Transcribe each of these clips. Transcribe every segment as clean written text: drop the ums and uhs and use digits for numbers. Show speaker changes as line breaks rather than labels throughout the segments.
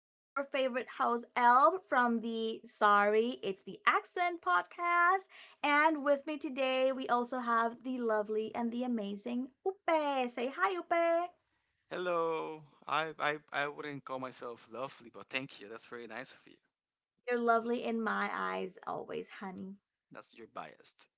your favorite house elf from the Sorry, It's the Accent podcast. And with me today, we also have the lovely and the amazing Upe. Say hi, Upe.
Hello. I wouldn't call myself lovely, but thank you. That's very nice of you.
You're lovely in my eyes always, honey.
That's you're biased.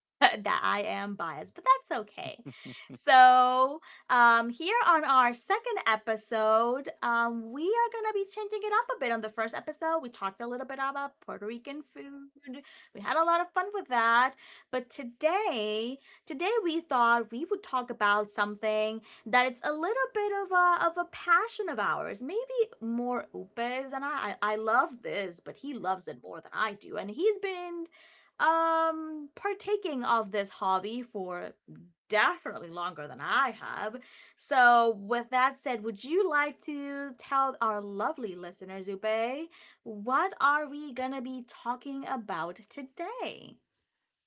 That I am biased, but that's okay. So, here on our second episode, we are going to be changing it up a bit. On the first episode, we talked a little bit about Puerto Rican food. We had a lot of fun with that. But today, we thought we would talk about something that it's a little bit of a passion of ours, maybe more Upe's than I. love this, but he loves it more than I do. And he's been partaking of this hobby for definitely longer than I have. So, with that said, would you like to tell our lovely listener, Zupe, what are we going to be talking about today?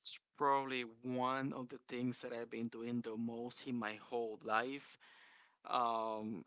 It's probably one of the things that I've been doing the most in my whole life. Um,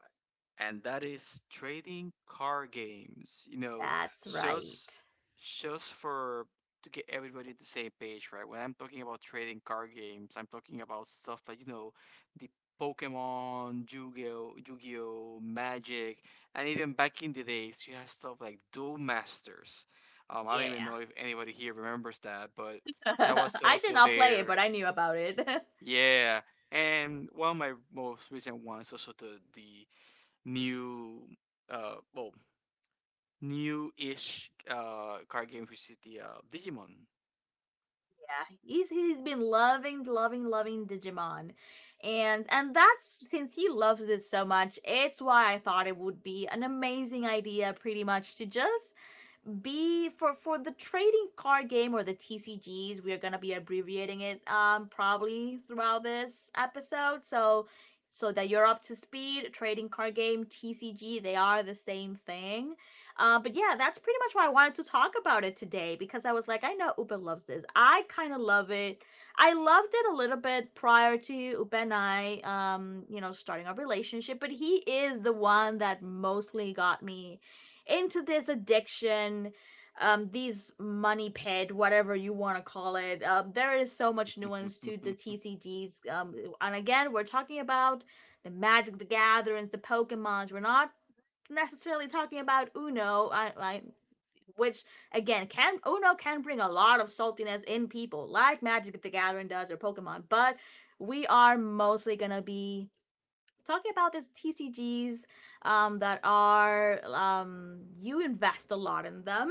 and that is trading card games. You know,
That's
just
right.
just for to get everybody at the same page, right? When I'm talking about trading card games, I'm talking about stuff like the Pokemon, Yu-Gi-Oh, Magic, and even back in the days, you had stuff like Duel Masters. I don't even
Yeah.
know if anybody here remembers that, but that was
I did
also
not play it,
there.
but I knew about it.
Yeah, and one of my most recent ones also the new uh well new-ish card game, which is the Digimon.
Yeah, he's been loving, loving, loving Digimon, and that's since he loves this so much. It's why I thought it would be an amazing idea, pretty much, to just B for the trading card game or the TCGs. We are gonna be abbreviating it probably throughout this episode. So that you're up to speed, trading card game, TCG, they are the same thing. But yeah, that's pretty much why I wanted to talk about it today because I was like, I know Uben loves this. I kind of love it. I loved it a little bit prior to Uben and I, starting our relationship, but he is the one that mostly got me into this addiction, these money pit, whatever you want to call it. There is so much nuance to the TCGs. And again, we're talking about the Magic the Gatherings, the Pokemons. We're not necessarily talking about Uno, I which again, can uno can bring a lot of saltiness in people, like Magic the Gathering does or Pokemon. But we are mostly gonna be talking about these TCGs, that are, you invest a lot in them.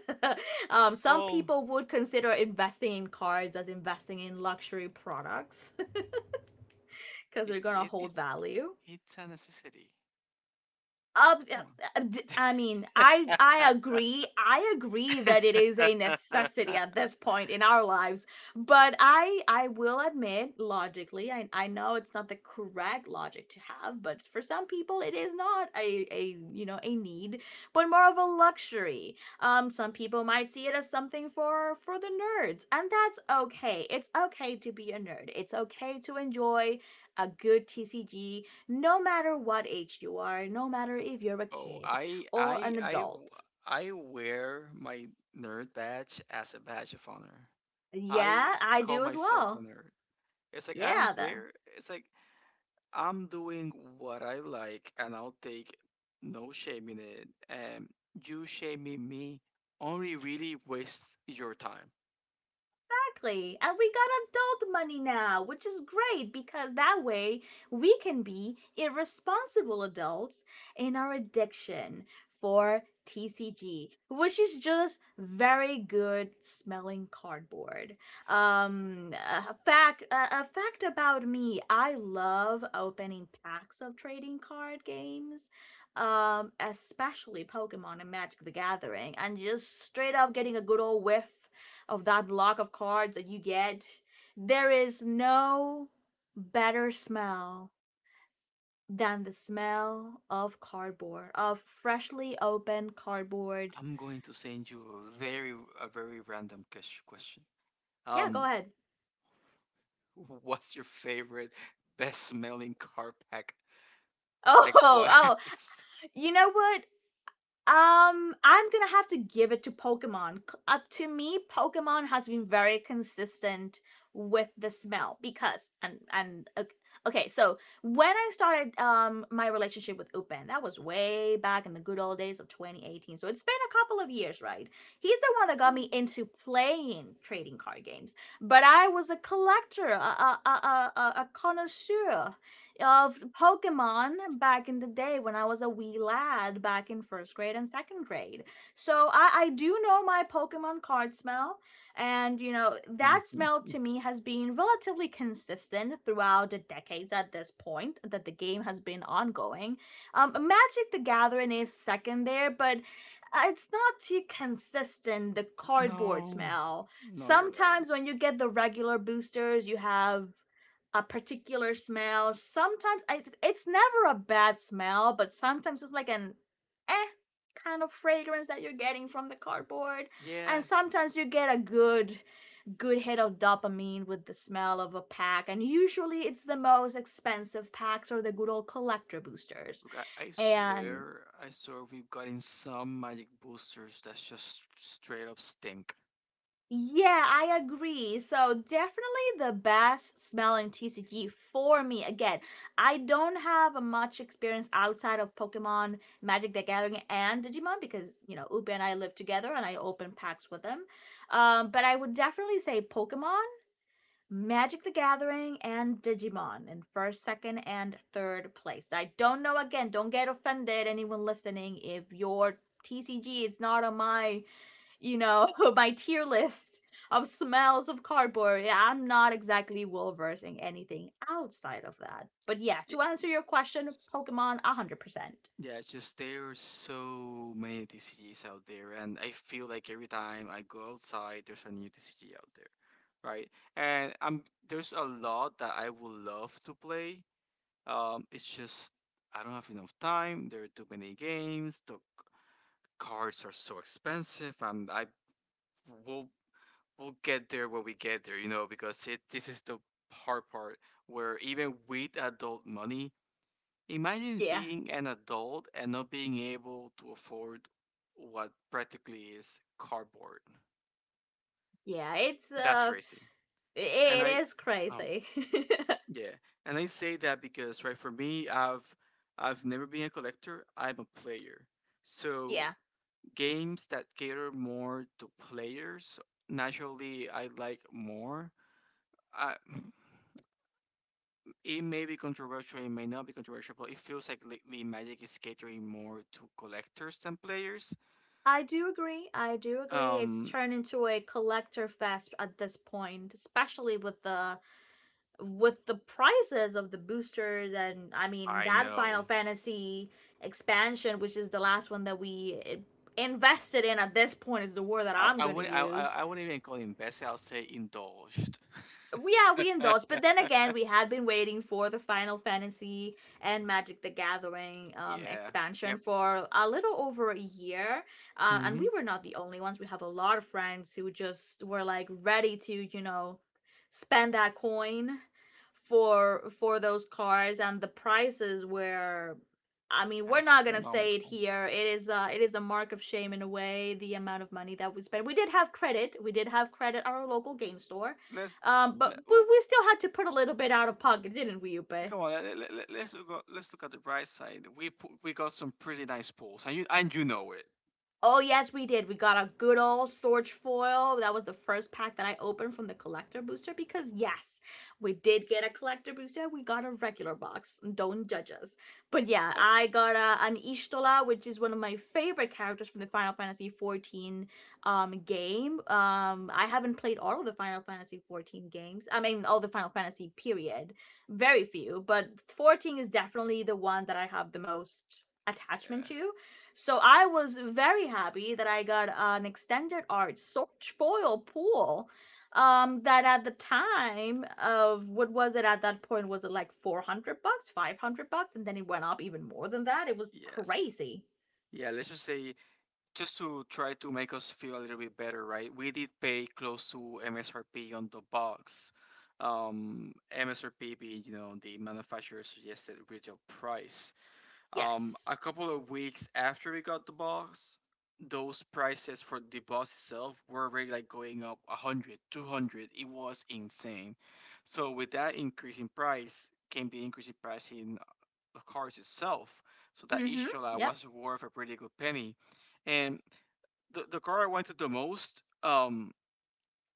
Some
Well,
people would consider investing in cards as investing in luxury products because they're
it's
gonna
it,
hold
it's
value.
it's a necessity. Come
I mean, I agree. I agree that it is
on.
a necessity at this point in our lives. But I will admit, logically, I know it's not the correct logic to have, but for some people, it is not a a you know a need, but more of a luxury. Some people might see it as something for the nerds, and that's okay. It's okay to be a nerd. It's okay to enjoy a good TCG no matter what age you are, no matter if you're a
oh,
kid
I
or
I
an
I w-
adult.
I wear my nerd badge as a badge of honor. I
Yeah, I
call
do as
myself a
well.
nerd. It's like I don't
Yeah,
care. It's like I'm doing what I like, and I'll take no shame in it. And you shaming me only really wastes your time.
exactly. And we got adult money now, which is great because that way we can be irresponsible adults in our addiction for TCG, which is just very good smelling cardboard. A fact about me: I love opening packs of trading card games, especially Pokemon and Magic the Gathering, and just straight up getting a good old whiff of that block of cards that you get. There is no better smell than the smell of cardboard, of freshly opened cardboard.
I'm going to send you a very random question.
Yeah, go
Um,
ahead.
what's your favorite best smelling car pack?
Oh,
Like what?
oh,
is-
you know what? I'm gonna have to give it to Pokemon. Up to me, Pokemon has been very consistent with the smell, because okay, so when I started my relationship with Upen, that was way back in the good old days of 2018. So it's been a couple of years, right? He's the one that got me into playing trading card games, but I was a collector, a connoisseur of Pokemon back in the day when I was a wee lad back in first grade and second grade. So I do know my Pokemon card smell. And, that smell to me has been relatively consistent throughout the decades at this point that the game has been ongoing. Magic the Gathering is second there, but it's not too consistent, the cardboard
no,
smell.
no, you're right.
Sometimes when you get the regular boosters, you have a particular smell. Sometimes it's never a bad smell, but sometimes it's like an eh kind of fragrance that you're getting from the cardboard. And
Yeah,
sometimes you get a good hit of dopamine with the smell of a pack. And usually it's the most expensive packs or the good old collector boosters.
look,
And
I swear we've gotten some magic boosters that just straight up stink.
Yeah, I agree. So definitely the best smelling TCG for me. Again, I don't have much experience outside of Pokemon, Magic the Gathering, and Digimon because Ubi and I live together and I open packs with them. But I would definitely say Pokemon, Magic the Gathering, and Digimon in first, second, and third place. I don't know. Again, don't get offended, anyone listening, if your TCG is not on my, you know, my tier list of smells of cardboard. Yeah, I'm not exactly well versed in anything outside of that. But yeah,
Y-
to answer your question, Pokemon 100%.
Yeah, it's just there are so many TCGs out there, and I feel like every time I go outside, there's a new TCG out there, right? And there's a lot that I would love to play. It's just I don't have enough time. There are too many games. The cards are so expensive, and I will we'll get there when we get there, you know, because it this is the hard part where even with adult money, imagine
Yeah,
being an adult and not being able to afford what practically is cardboard.
yeah,
That's crazy. And I,
it is
um,
crazy.
yeah, and I say that because, right, for me, I've never been a collector. I'm a player. So
Yeah,
games that cater more to players, naturally, I like more. I, it may be controversial, it may not be controversial, but it feels like lately Magic is catering more to collectors than players.
I do agree. I do agree. It's
Um,
turned into a collector fest at this point, especially with the prices of the boosters. And I mean
I
that
know.
Final Fantasy expansion, which is the last one that we, invested in at this point, is the word that
I,
I'm
I
going to
would I I
use.
I wouldn't even call him bested. I'll say indulged.
Yeah, we indulged, but then again, we had been waiting for the Final Fantasy and Magic the Gathering
Yeah.
expansion
Yep.
for a little over a year, and
Hmm.
we were not the only ones. We have a lot of friends who just were like ready to, spend that coin for those cards, and the prices were. I mean, we're not gonna say it
Astronomical.
here. It is, it is a mark of shame in a way, the amount of money that we spent. We did have credit. We did have credit at our local game store,
Let's
but
let,
we,
w-
we still had to put a little bit out of pocket, didn't we, Upe?
come on. Let, let, let- Let's look at, let's look at the bright side. We got some pretty nice pools, and you know it.
Oh yes, we did. We got a good old Sorge foil. That was the first pack that I opened from the collector booster, because yes, we did get a collector booster. We got a regular box. Don't judge us. But yeah,
Oh.
I got an Ishtola, which is one of my favorite characters from the Final Fantasy 14 game. I haven't played all of the Final Fantasy 14 games. I mean, all the Final Fantasy period. Very few, but 14 is definitely the one that I have the most attachment
Yeah.
to, so I was very happy that I got an extended art Sorge foil pool. That at the time of, what was it at that point? Was it like 400 bucks, 500 bucks? And then it went up even more than that. It was
Yes.
crazy.
Yeah. Let's just say, just to try to make us feel a little bit better, right? We did pay close to MSRP on the box. MSRP being, you know, the manufacturer suggested retail price.
Yes.
A couple of weeks after we got the box, those prices for the box itself were already like going up 100, 200. It was insane. So with that increase in price came the increase in price in the cars itself. So that
Mm-hmm.
Ishtola
Yep.
was worth a pretty good penny. And the car I wanted the most, um,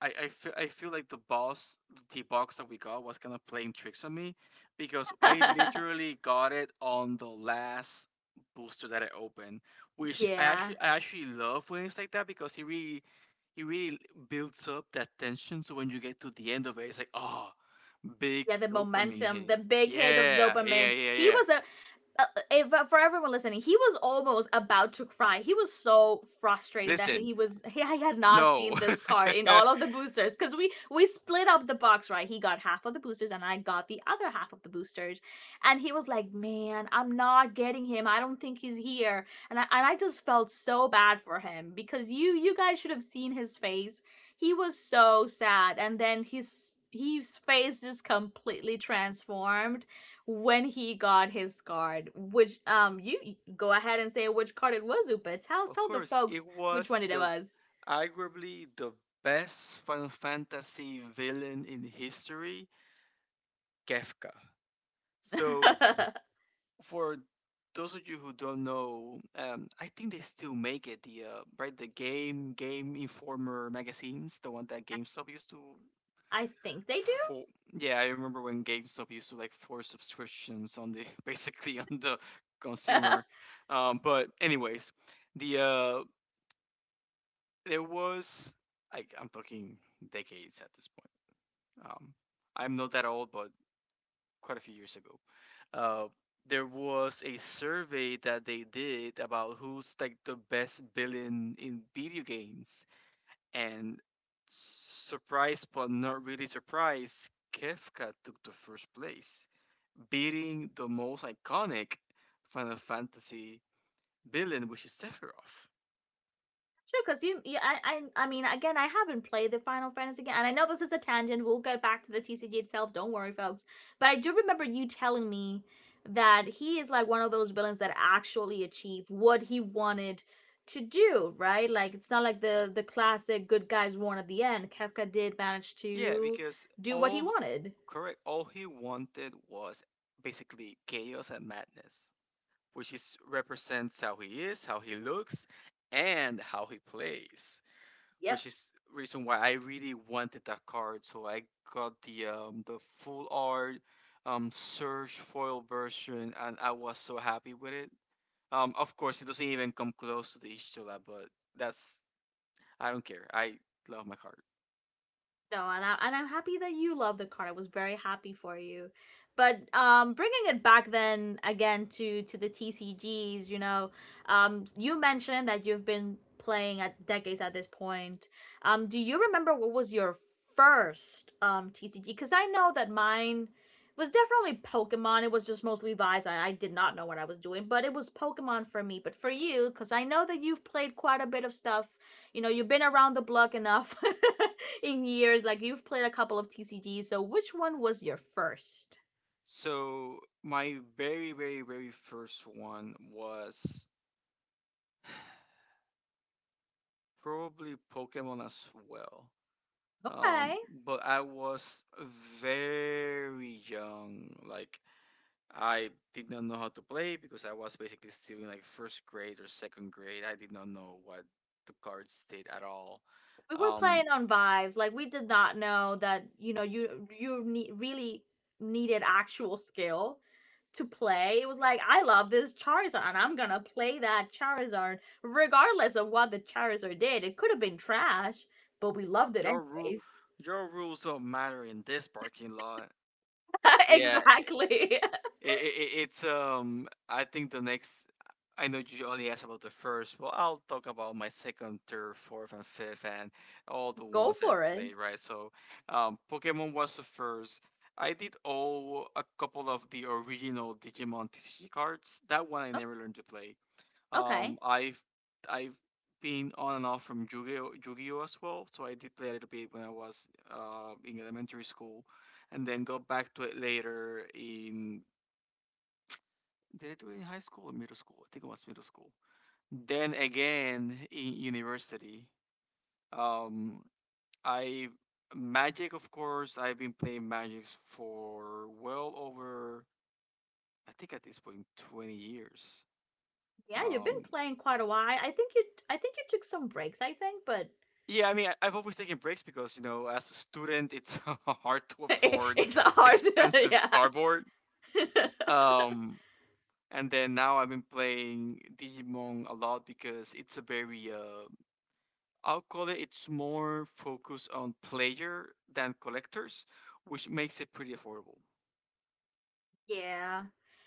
I, I, feel I feel like the boss, the T box that we got, was kind of playing tricks on me because I literally got it on the last booster that I opened, which
Yeah.
I actually love when it's like that because it really builds up that tension. So when you get to the end of it, it's like, oh, big
Yeah, the
dopamine
momentum, the
hit.
big hit of
Yeah, yeah,
dopamine.
yeah,
He
yeah.
was a uh, uh, for everyone listening, he was almost about to cry. He was so frustrated that
Listen,
he had not
no.
seen this card in all of the boosters, because we split up the box, right. He got half of the boosters and I got the other half of the boosters, and he was like, "Man, I'm not getting him. I don't think he's here." And I just felt so bad for him, because you guys should have seen his face. He was so sad, and then his face just completely transformed when he got his card, which you go ahead and say which card it was, Upa. Tell
Of
tell the
course, it
folks which
was
one it
the
was.
arguably the best Final Fantasy villain in history, Kefka. So,
I
for those of you who don't know, I think they still make it the the game Game Informer magazines, the one that GameStop used to.
think they do.
For Yeah, I remember when GameStop used to like force subscriptions on the basically on the consumer. But anyways, the uh, there was like I'm talking decades at this point. Um, I'm not that old, but quite a few years ago, uh, there was a survey that they did about who's like the best villain in video games, and surprise, but not really surprised, Kefka took the first place, beating the most iconic Final Fantasy villain, which is Sephiroth.
Sure, because I mean, again, I haven't played the Final Fantasy game, and I know this is a tangent. We'll get back to the TCG itself. Don't worry, folks. But I do remember you telling me that he is like one of those villains that actually achieved what he wanted to do, right? Like, it's not like the
That's-
classic good guys won at the end. Kafka did manage
yeah,
to
because
do what he
all
wanted.
Correct. All he wanted was basically chaos and madness, which is represents how he is, how he looks, and how he plays.
Yep.
Which is reason why I really wanted that card, so I got the full art Surge foil version, and I was so happy with it. Of course, it doesn't even come close to the Ishtola, but that's I don't care. I love my card.
No, and I'm happy that you love the card. I was very happy for you. But bringing it back then again to the TCGs, you mentioned that you've been playing at decades at this point. Do you remember what was your first TCG? Because I know that mine was definitely Pokemon. It was just mostly Vise. I did not know what I was doing, but it was Pokemon for me. But for you, because I know that you've played quite a bit of stuff. You know, you've been around the block enough. In years. Like you've played a couple of TCGs, so which one was your first?
So my very first one was probably Pokemon as well.
Okay.
Um, but I was very young. Like I did not know how to play because I was basically still in like first grade or second grade. I did not know what the cards did at all.
We were
Um,
playing on vibes. Like we did not know that, you know, you need really needed actual skill to play. It was like, I love this Charizard and I'm gonna play that Charizard regardless of what the Charizard did. It could have been trash, but we loved it
your rule,
anyways.
your rules don't matter in this parking lot. Yeah,
Exactly.
It's I think the next. I know you only asked about the first. Well, I'll talk about my second, third, fourth, and fifth, and all the
Go
ones I
for it.
played. Right. So, Pokemon was the first. I did owe a couple of the original Digimon TCG cards. That one I never learned to play.
Okay.
Um, I've I've been on and off from Yu-Gi-Oh as well. So I did play a little bit when I was in elementary school, and then got back to it later in did I do it in high school or middle school? I think it was middle school. Then again in university, um, I Magic, of course. I've been playing Magic for well over, I think at this point, 20 years.
Yeah, you've been
Um,
playing quite a while. I think you took some breaks, I think, but
yeah, I mean, I've always taken breaks because, you know, as a student, it's hard to afford
it's hard
expensive
yeah
cardboard. Um, and then now I've been playing Digimon a lot because it's a very I'll call it it's more focused on player than collectors, which makes it pretty affordable.
Yeah.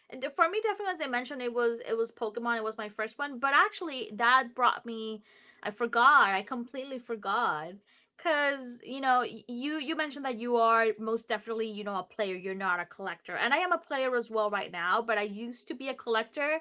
For me, definitely, as I mentioned, it was Pokemon. It was my first one, but actually, that brought me. I forgot. I completely forgot. Cause you mentioned that you are most definitely, you know, a player. You're not a collector, and I am a player as well right now. But I used to be a collector,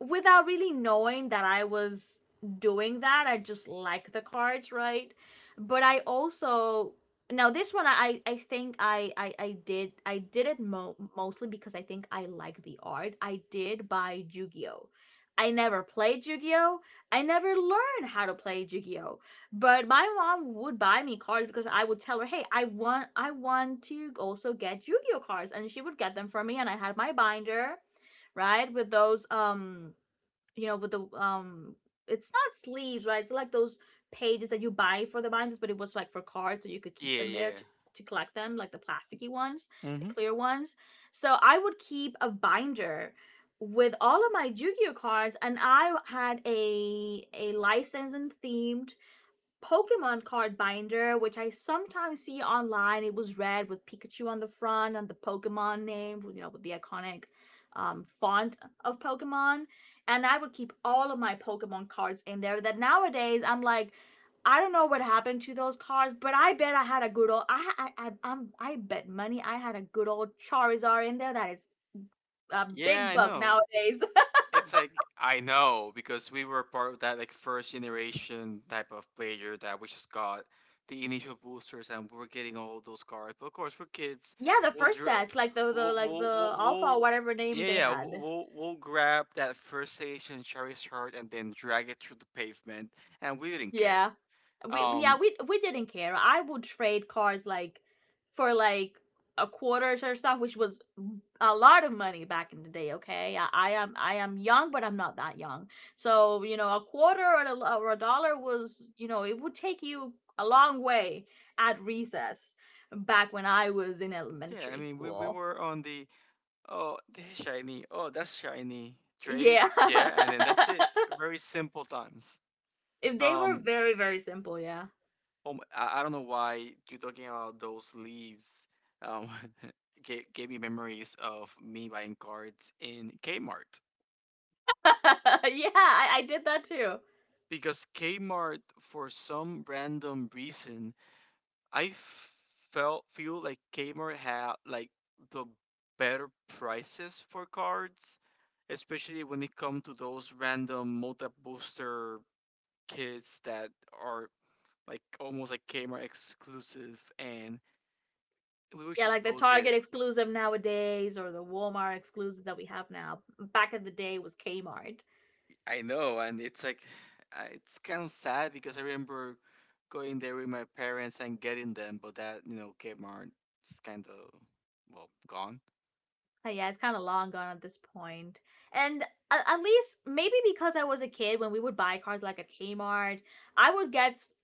without really knowing that I was doing that. I just like the cards, right? But I also now this one I I think I did it mostly because I think I like the art. I did buy Yu-Gi-Oh. I never played Yu-Gi-Oh. I never learned how to play Yu-Gi-Oh. But my mom would buy me cards because I would tell her, "Hey, I want to also get Yu-Gi-Oh cards." And she would get them for me, and I had my binder, right? With those you know, with the it's not sleeves, right? It's like those pages that you buy for the binders, but it was like for cards, so you could keep
Yeah,
them there
yeah.
to collect them, like the plasticky ones, the
Mm-hmm.
clear ones. So I would keep a binder with all of my Yu-Gi-Oh cards, and I had a license and themed Pokemon card binder, which I sometimes see online. It was red with Pikachu on the front and the Pokemon name, you know, with the iconic font of Pokemon. And I would keep all of my Pokemon cards in there. That nowadays I'm like, I don't know what happened to those cards, but I bet I had a good old. I bet money I had a good old Charizard in there. That is a
Yeah,
big
I
buck
know.
nowadays.
It's like I know because we were part of that like first generation type of player that we just got the initial boosters and we were getting all those cards. But of course, we're kids.
Yeah, the
We'll
first
drill.
sets, like the like the Alpha or
We'll
whatever name
yeah
they
yeah
had.
We'll grab that first station Charizard and then drag it through the pavement, and we didn't care.
Yeah. We yeah,
Um,
we didn't care. I would trade cars like for like a quarters or stuff, which was a lot of money back in the day, okay? I am I am young, but I'm not that young. So, you know, a quarter or a dollar was, you know, it would take you a long way at recess back when I was in
Yeah, I
elementary
mean, we
school.
were on the, oh, this is shiny. Oh, that's shiny. Trade.
Yeah.
Yeah, and then that's it. Very simple times.
If they were
Um,
very, very simple, yeah.
oh, I don't know why you talking about those leaves. Um, gave me memories of me buying cards in Kmart
Yeah, I did that too.
because Kmart, for some random reason, I f- felt feel like Kmart had like the better prices for cards, especially when it comes to those random multi booster kits that are like almost like Kmart exclusive, and we would
Yeah,
just
like the
go
Target
there.
exclusive nowadays or the Walmart exclusives that we have now. Back in the day was Kmart.
I know, and it's like it's kind of sad because I remember going there with my parents and getting them, but that you know Kmart is kind of well gone.
But yeah, it's kind of long gone at this point. And at least maybe because I was a kid when we would buy cars like at Kmart, I would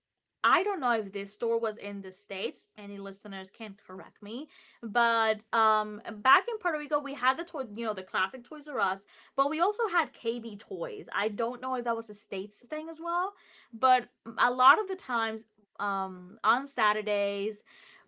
I don't know if this store was in the states. Any listeners can correct me, but back in Puerto Rico, we had the toy, you know, the classic Toys R Us, but we also had KB Toys. I don't know if that was a states thing as well, but a lot of the times, on Saturdays,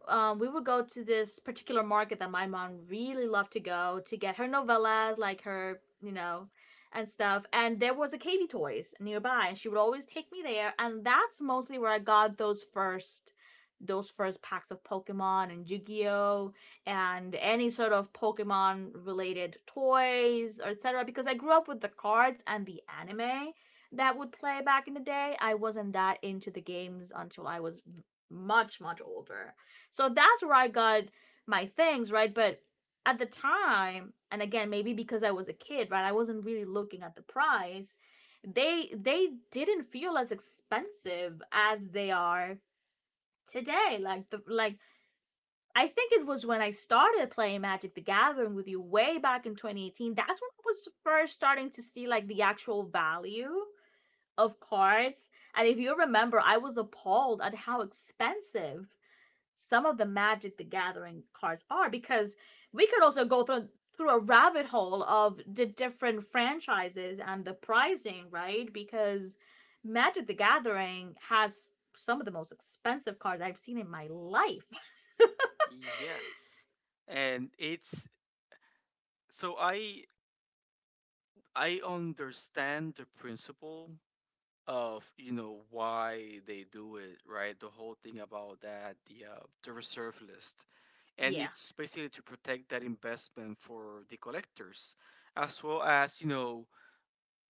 we would go to this particular market that my mom really loved to go to get her novellas, like her, you know, and stuff. And there was a Katie Toys nearby, and she would always take me there. And that's mostly where I got those first packs of Pokemon and Yu-Gi-Oh and any sort of Pokemon related toys or etc. Because I grew up with the cards and the anime that would play back in the day. I wasn't that into the games until I was much much older. So that's where I got my things, right? But at the time, and again, maybe because I was a kid, right? I wasn't really looking at the price. They didn't feel as expensive as they are today. Like I think it was when I started playing Magic the Gathering with you way back in 2018. That's when I was first starting to see like the actual value of cards. And if you remember, I was appalled at how expensive some of the Magic the Gathering cards are, because we could also go through a rabbit hole of the different franchises and the pricing, right? Because Magic the Gathering has some of the most expensive cards I've seen in my life.
Yes. And it's so I understand the principle of you know why they do it, right, the whole thing about that the reserve list, and
Yeah.
it's basically to protect that investment for the collectors as well as you know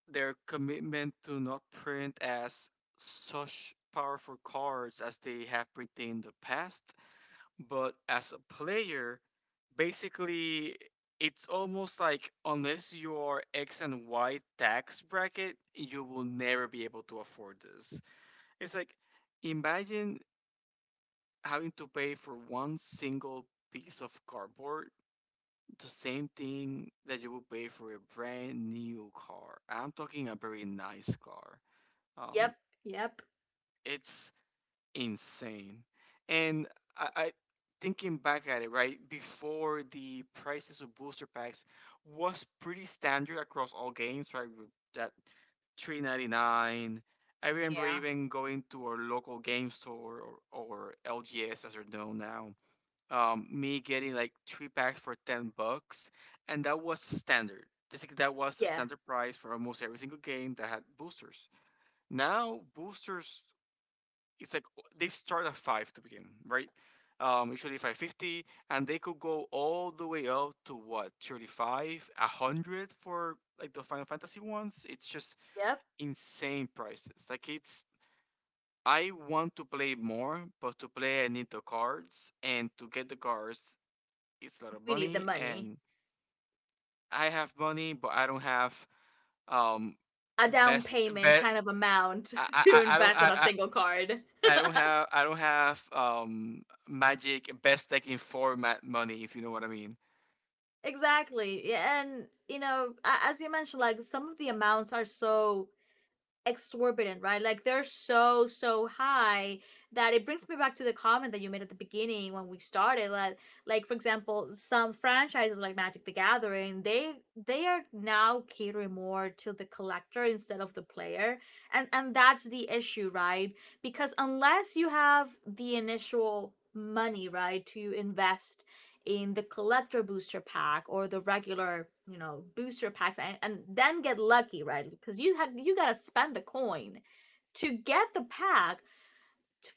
their commitment to not print as such powerful cards as they have printed in the past. But as a player, basically, it's almost like unless you are X and Y tax bracket, you will never be able to afford this. It's like imagine having to pay for one single piece of cardboard, the same thing that you would pay for a brand new car. I'm talking a very nice car. Um,
Yep. Yep.
it's insane. And I thinking back at it, right, before the prices of booster packs was pretty standard across all games, right? with That 3.99. I remember
Yeah.
even going to our local game store or LGS as they're known now. Me getting like three packs for $10, and that was standard. Basically, that was the
Yeah.
standard price for almost every single game that had boosters. Now boosters it's like they start at five to begin, right? Usually 5.50, and they could go all the way up to what, 35, a hundred for like the Final Fantasy ones. It's just
Yep.
insane prices. Like it's I want to play more, but to play I need the cards, and to get the cards it's a lot of
We need the
money,
money.
and I have money, but I don't have um
A down
best
payment
bet.
kind of amount
I, I,
to
I I don't
invest in a
I,
single card.
don't have magic best tech in format money, if you know what I mean.
Exactly. Yeah, and, you know, as you mentioned, like some of the amounts are so exorbitant, right? Like they're so, so high that it brings me back to the comment that you made at the beginning when we started that like for example, some franchises like Magic the Gathering, they are now catering more to the collector instead of the player. And that's the issue, right? Because unless you have the initial money, right, to invest in the collector booster pack or the regular, you know, booster packs, and then get lucky, right? Because you have you gotta spend the coin to get the pack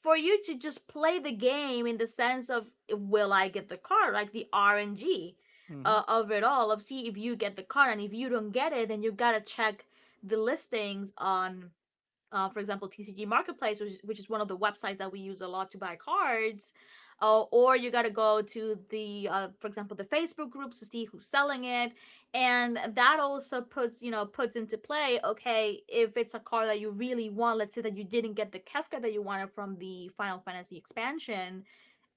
for you to just play the game in the sense of will I get the card, like the RNG
Mm-hmm.
of it all, of see if you get the card, and if you don't get it, then you gotta check the listings on for example, TCG Marketplace, which is one of the websites that we use a lot to buy cards. Or you got to go to the, for example, the Facebook groups to see who's selling it, and that also puts, you know, puts into play. Okay, if it's a card that you really want, let's say that you didn't get the Kefka that you wanted from the Final Fantasy expansion,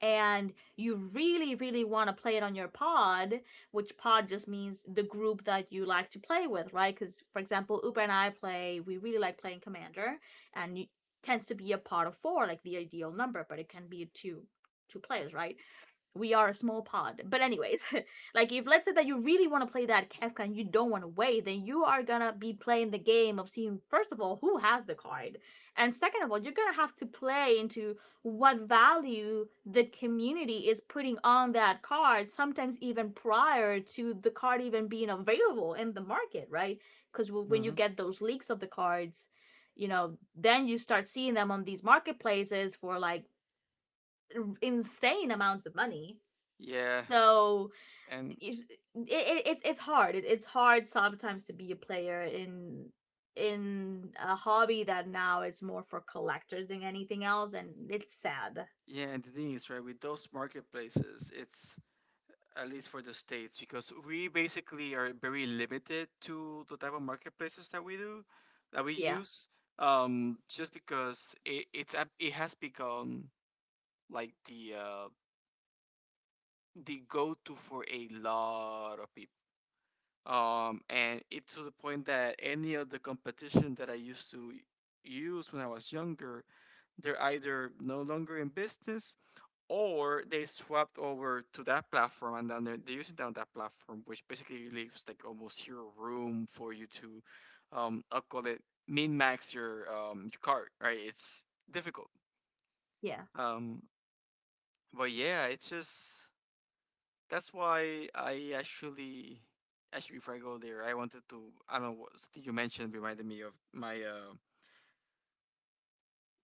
and you really, really want to play it on your pod, which pod just means the group that you like to play with, right? Because, for example, Uber and I play, we really like playing Commander, and it tends to be a pod of four, like the ideal number, but it can be two players, right? We are a small pod. But anyways, like if let's say that you really want to play that Kefka and you don't want to wait, then you are gonna be playing the game of seeing first of all who has the card, and second of all you're gonna have to play into what value the community is putting on that card. Sometimes even prior to the card even being available in the market, right? Because when
Mm-hmm.
you get those leaks of the cards, you know then you start seeing them on these marketplaces for like insane amounts of money,
Yeah,
so
and
it, it's it's hard. It's hard sometimes to be a player in a hobby that now it's more for collectors than anything else, and it's sad.
yeah, and the thing is, right, with those marketplaces, it's at least for the states, because we basically are very limited to the type of marketplaces that we
Yeah,
use. Just because it has become like the go to for a lot of people. And it, to the point that any of the competition that I used to use when I was younger, they're either no longer in business, or they swapped over to that platform, and then they're using that platform, which basically leaves like almost zero room for you to, I'll call it min max your card, right? It's difficult.
yeah.
Um, but yeah, it's just that's why actually before I go there, I wanted to. I don't know what. Something you mentioned reminded me of my uh,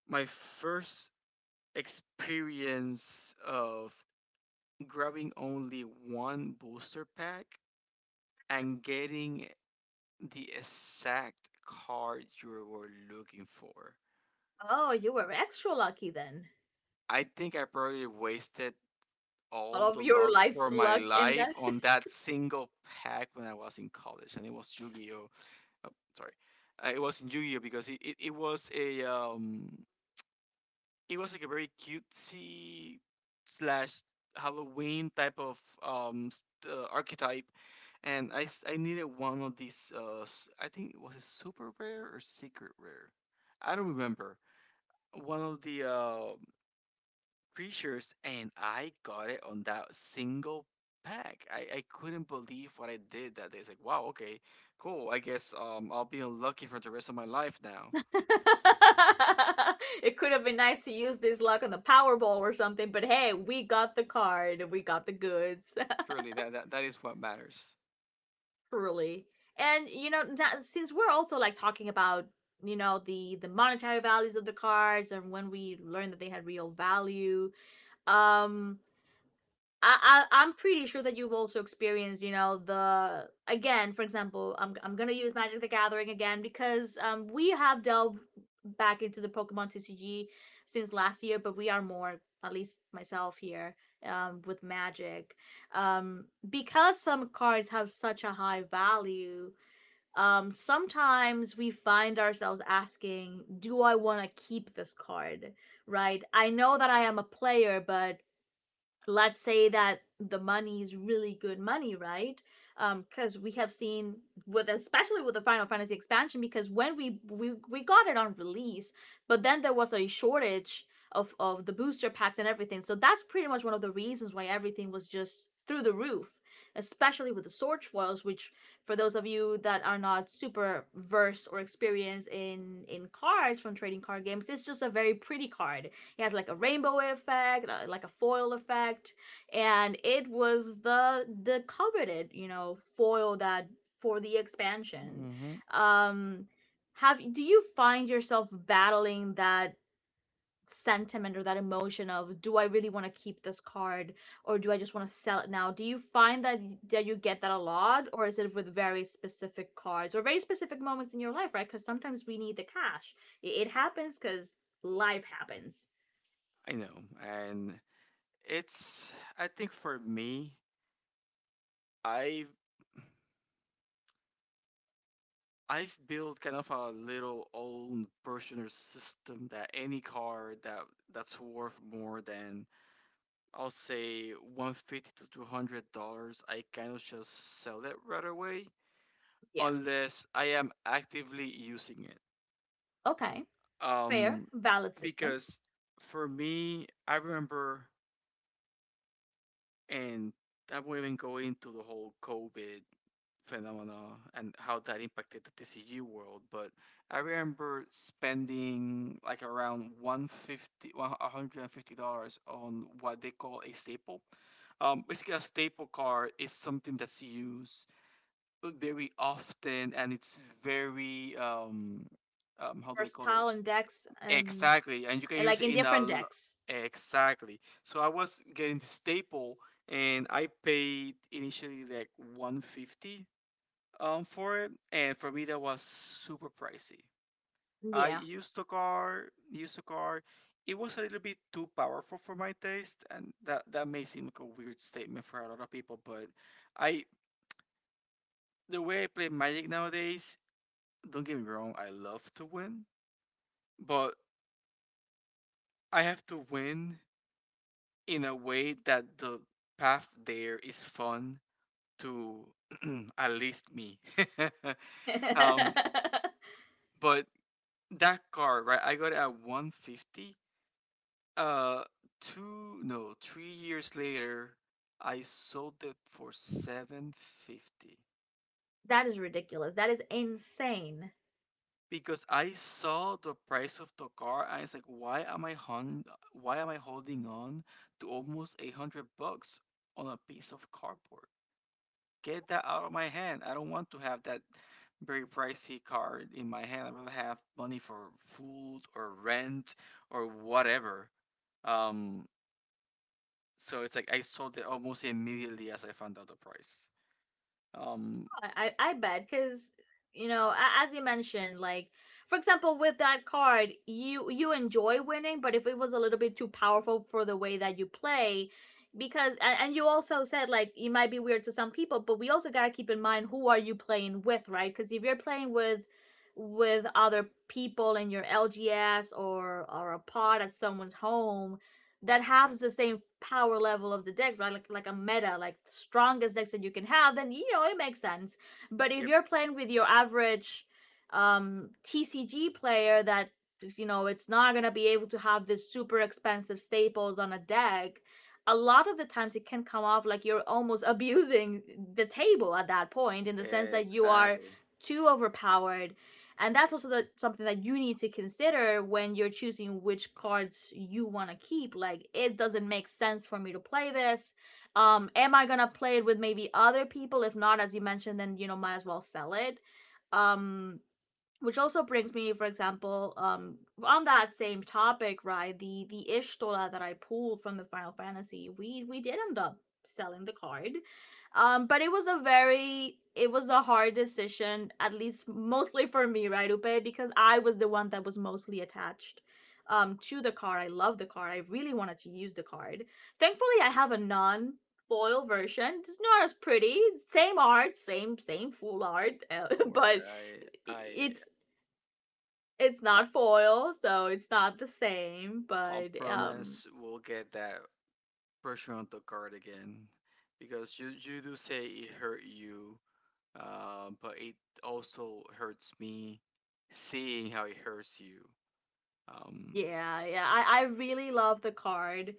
my first experience of grabbing only one booster pack and getting the exact card you were looking for.
Oh, you were extra lucky then.
I think I probably wasted all
All of
the
your
luck
life's
for my
luck in
life
that.
on that single pack when I was in college, and it was yu Gi Oh. Oh, sorry, it was in Yu-Gi-Oh, because it was like a very cutesy slash Halloween type of archetype, and I needed one of these I think it was a super rare or secret rare, I don't remember, one of the creatures, and I got it on that single pack. I couldn't believe what I did that day. It's like, wow, okay, cool. I guess I'll be unlucky for the rest of my life now.
It could have been nice to use this luck on the Powerball or something, but hey, we got the card. We got the goods.
Surely that is what matters.
Truly. And you know, that, since we're also like talking about you know the monetary values of the cards and when we learned that they had real value, um, I I'm pretty sure that you've also experienced you know the again for example I'm gonna use Magic the Gathering again because we have delved back into the Pokemon TCG since last year, but we are more at least myself here with Magic because some cards have such a high value sometimes we find ourselves asking, do I want to keep this card? Right? I know that I am a player, but let's say that the money is really good money, right? Because we have seen with especially with the Final Fantasy expansion, because when we got it on release, but then there was a shortage of the booster packs and everything. So that's pretty much one of the reasons why everything was just through the roof, especially with the sword foils, which for those of you that are not super versed or experienced in cards from trading card games, it's just a very pretty card. It has like a rainbow effect, like a foil effect, and it was the coveted foil that for the expansion.
Mm-hmm.
Um, have do you find yourself battling that sentiment or that emotion of, do I really want to keep this card or do I just want to sell it now? Do you find that you get that a lot, or is it with very specific cards or very specific moments in your life, right? Because sometimes we need the cash. It happens because life happens.
I know, and it's I think for me, I've I've built kind of a little own personal system that any car that's worth more than, I'll say, 150 to $200, I kind of just sell it right away,
Yeah.
unless I am actively using it.
Okay, fair,
Um,
valid system.
because for me, I remember. And I will not even go into the whole COVID phenomena and how that impacted the TCU world. But I remember spending like around 150 $150 on what they call a staple. Basically, a staple card is something that's used very often, and it's very, how do I call it?
Versatile in decks,
Exactly, and you can
and,
use
like,
it
in
in a
different
l-.
decks.
Exactly. So I was getting the staple, and I paid initially like 150 for it, and for me that was super pricey. I
Yeah.
used the car, used the car. It was a little bit too powerful for my taste, and that may seem like a weird statement for a lot of people, but I the way I play Magic nowadays, don't get me wrong, I love to win, but I have to win in a way that the path there is fun to, at least me. um,
That
but that car, right? I got it at 150. Uh, Two, no, 3 years later, I sold it for 750,
is ridiculous. That is insane.
because I saw the price of the car and it's like, why am I holding on to almost 800 bucks on a piece of cardboard? Get that out of my hand. I don't want to have that very pricey card in my hand. I'd rather have money for food or rent, or whatever. Um, so it's like I sold it almost immediately as I found out the price. Um,
I bet, because you know, as you mentioned, like for example with that card, you enjoy winning, but if it was a little bit too powerful for the way that you play because and you also said, like, it might be weird to some people, but we also got to keep in mind who are you playing with, right? Because if you're playing with other people in your LGS, or a pod at someone's home, that has the same power level of the deck, right? Like a meta, like the strongest decks that you can have, then you know it makes sense. But if
yep,
you're playing with your average TCG player, that you know it's not going to be able to have this super expensive staples on a deck, a lot of the times it can come off like you're almost abusing the table at that point, in the sense that you are
exactly.
too overpowered. And that's also the, something that you need to consider when you're choosing which cards you want to keep. Like, it doesn't make sense for me to play this. Am I gonna play it with maybe other people? If not, as you mentioned, then you know, might as well sell it. Um, which also brings me, for example, on that same topic, right? The Ishtola that I pulled from the Final Fantasy, we did end up selling the card. But it was a very, it was a hard decision, at least mostly for me, right, Upe? Because I was the one that was mostly attached to the card. I love the card, I really wanted to use the card. Thankfully I have a non foil version. It's not as pretty. Same art, same full art,
Don't worry.
but
I, I,
it's it's
I,
not foil, so it's not the same.
I'll
But
promise we'll get that pressure on the card again, because you do say it hurt you, but it also hurts me seeing how it hurts you. Um,
yeah, yeah, I really love the card.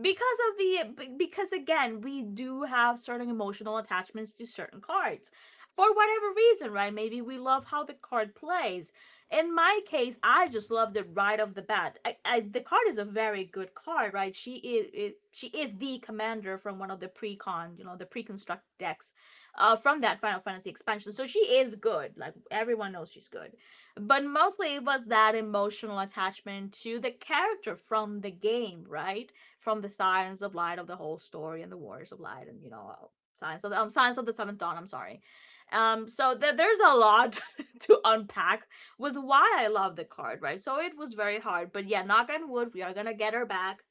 Because of the, because again, we do have certain emotional attachments to certain cards, for whatever reason, right? Maybe we love how the card plays. In my case, I just loved it right off the bat. The card is a very good card, right? She is it, she is the commander from one of the pre-con, you know, the pre-construct decks, from that Final Fantasy expansion. So she is good, like, everyone knows she's good. But mostly it was that emotional attachment to the character from the game, right? From the signs of Light, of the whole story, and the Warriors of Light, and you know, signs of the Seventh Dawn. I'm sorry. So there's a lot to unpack with why I love the card, right? So it was very hard, but yeah, knock on wood, we are gonna get her back,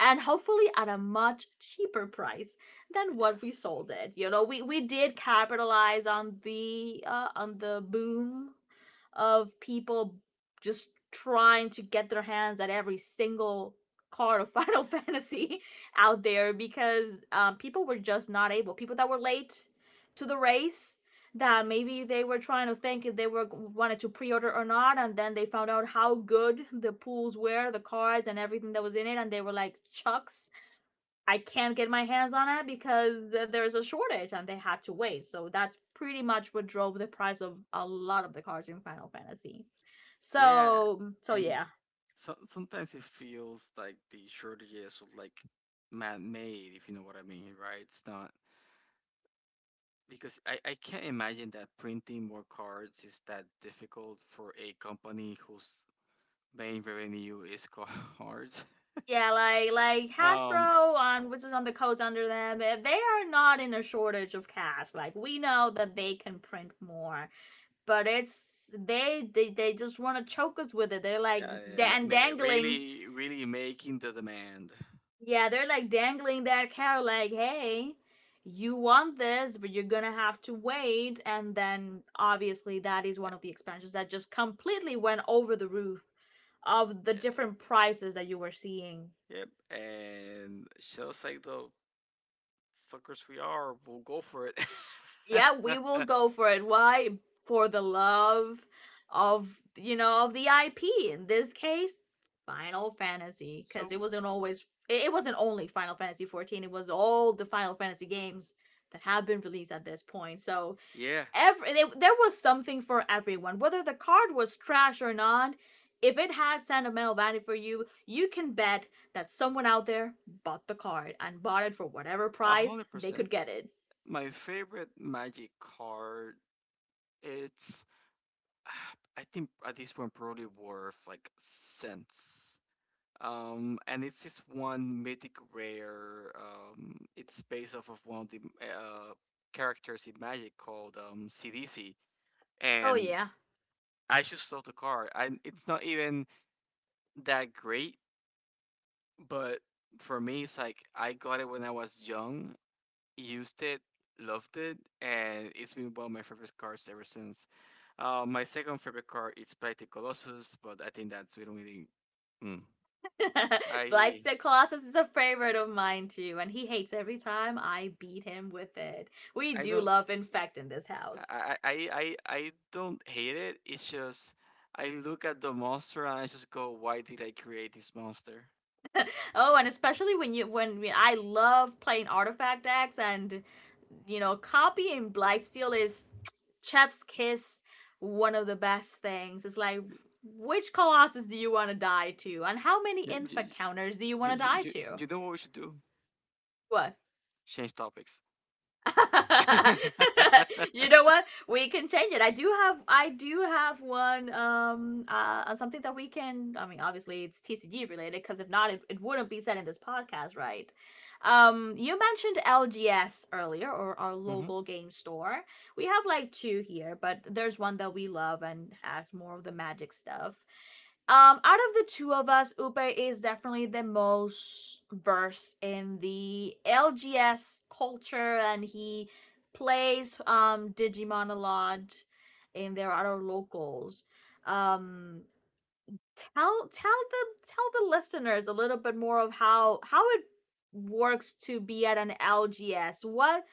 and hopefully at a much cheaper price than what we
yes,
sold it. You know, we did capitalize on the boom of people just trying to get their hands at every single card of Final Fantasy out there. Because people were just not able. People that were late to the race, that maybe they were trying to think if they were wanted to pre-order or not, and then they found out how good the pools were, the cards and everything that was in it, and they were like, chucks, I can't get my hands on it because there is a shortage, and they had to wait. So that's pretty much what drove the price of a lot of the cards in Final Fantasy.
yeah,
So
and
yeah.
so, sometimes it feels like the shortages are like man-made, if you know what I mean, right? It's not, because I can't imagine that printing more cards is that difficult for a company whose main revenue is cards.
Yeah, like
Um,
Hasbro on which is on the codes under them, they are not in a shortage of cash. Like, we know that they can print more, but it's they just want to choke us with it. They're like
yeah, yeah,
and dangling.
really, really making the demand.
Yeah, they're like dangling that carrot, like, hey, you want this, but you're gonna have to wait. And then obviously, that is
Yeah,
one of the expansions that just completely went over the roof of the
yeah.
different prices that you were seeing.
Yep, and just like the suckers we are, we'll go for it.
Yeah, we will go for it. Why? For the love of, you know, of the IP. In this case, Final Fantasy, because
So
it wasn't always, it wasn't only Final Fantasy 14, it was all the Final Fantasy games that have been released at this point. So,
yeah,
every they, there was something for everyone. Whether the card was trash or not, if it had sentimental value for you, you can bet that someone out there bought the card, and bought it for whatever
a
price
hundred
they
percent.
could get it.
My favorite magic card, it's I think at this point probably worth like cents. And it's this one mythic rare. It's based off of one of the characters in Magic called CDC,
Oh
and
yeah.
I just love the card. And it's not even that great. But for me, it's like I got it when I was young, used it, loved it, and it's been one of my favorite cards ever since. My second favorite card is Pride the Colossus, but I think that's, we don't really. Mm.
Blights
I
the Colossus is a favorite of mine too, and he hates every time I beat him with it. We
I
do
don't
love infect in this house.
I don't hate it. It's just, I look at the monster and I just go, why did I create this monster?
Oh, and especially when you when I love playing artifact decks, and you know, copying Blightsteel is Chef's Kiss. One of the best things is like, which Colossus do you want to die to, and how many
You you
Infa counters do you
you
want to
you,
die
you,
to?
you know what we should do?
What?
Change topics.
You know what? We can change it. I do have one something that we can, I mean obviously it's TCG related, because if not it, it wouldn't be said in this podcast, right? You mentioned LGS earlier, or our
Hmm.
local game store. We have like two here, but there's one that we love and has more of the magic stuff. Out of the two of us, Upe is definitely the most versed in the LGS culture, and he plays Digimon a lot in their other locals. Um, tell the listeners a little bit more of how it works to be at an LGS. What,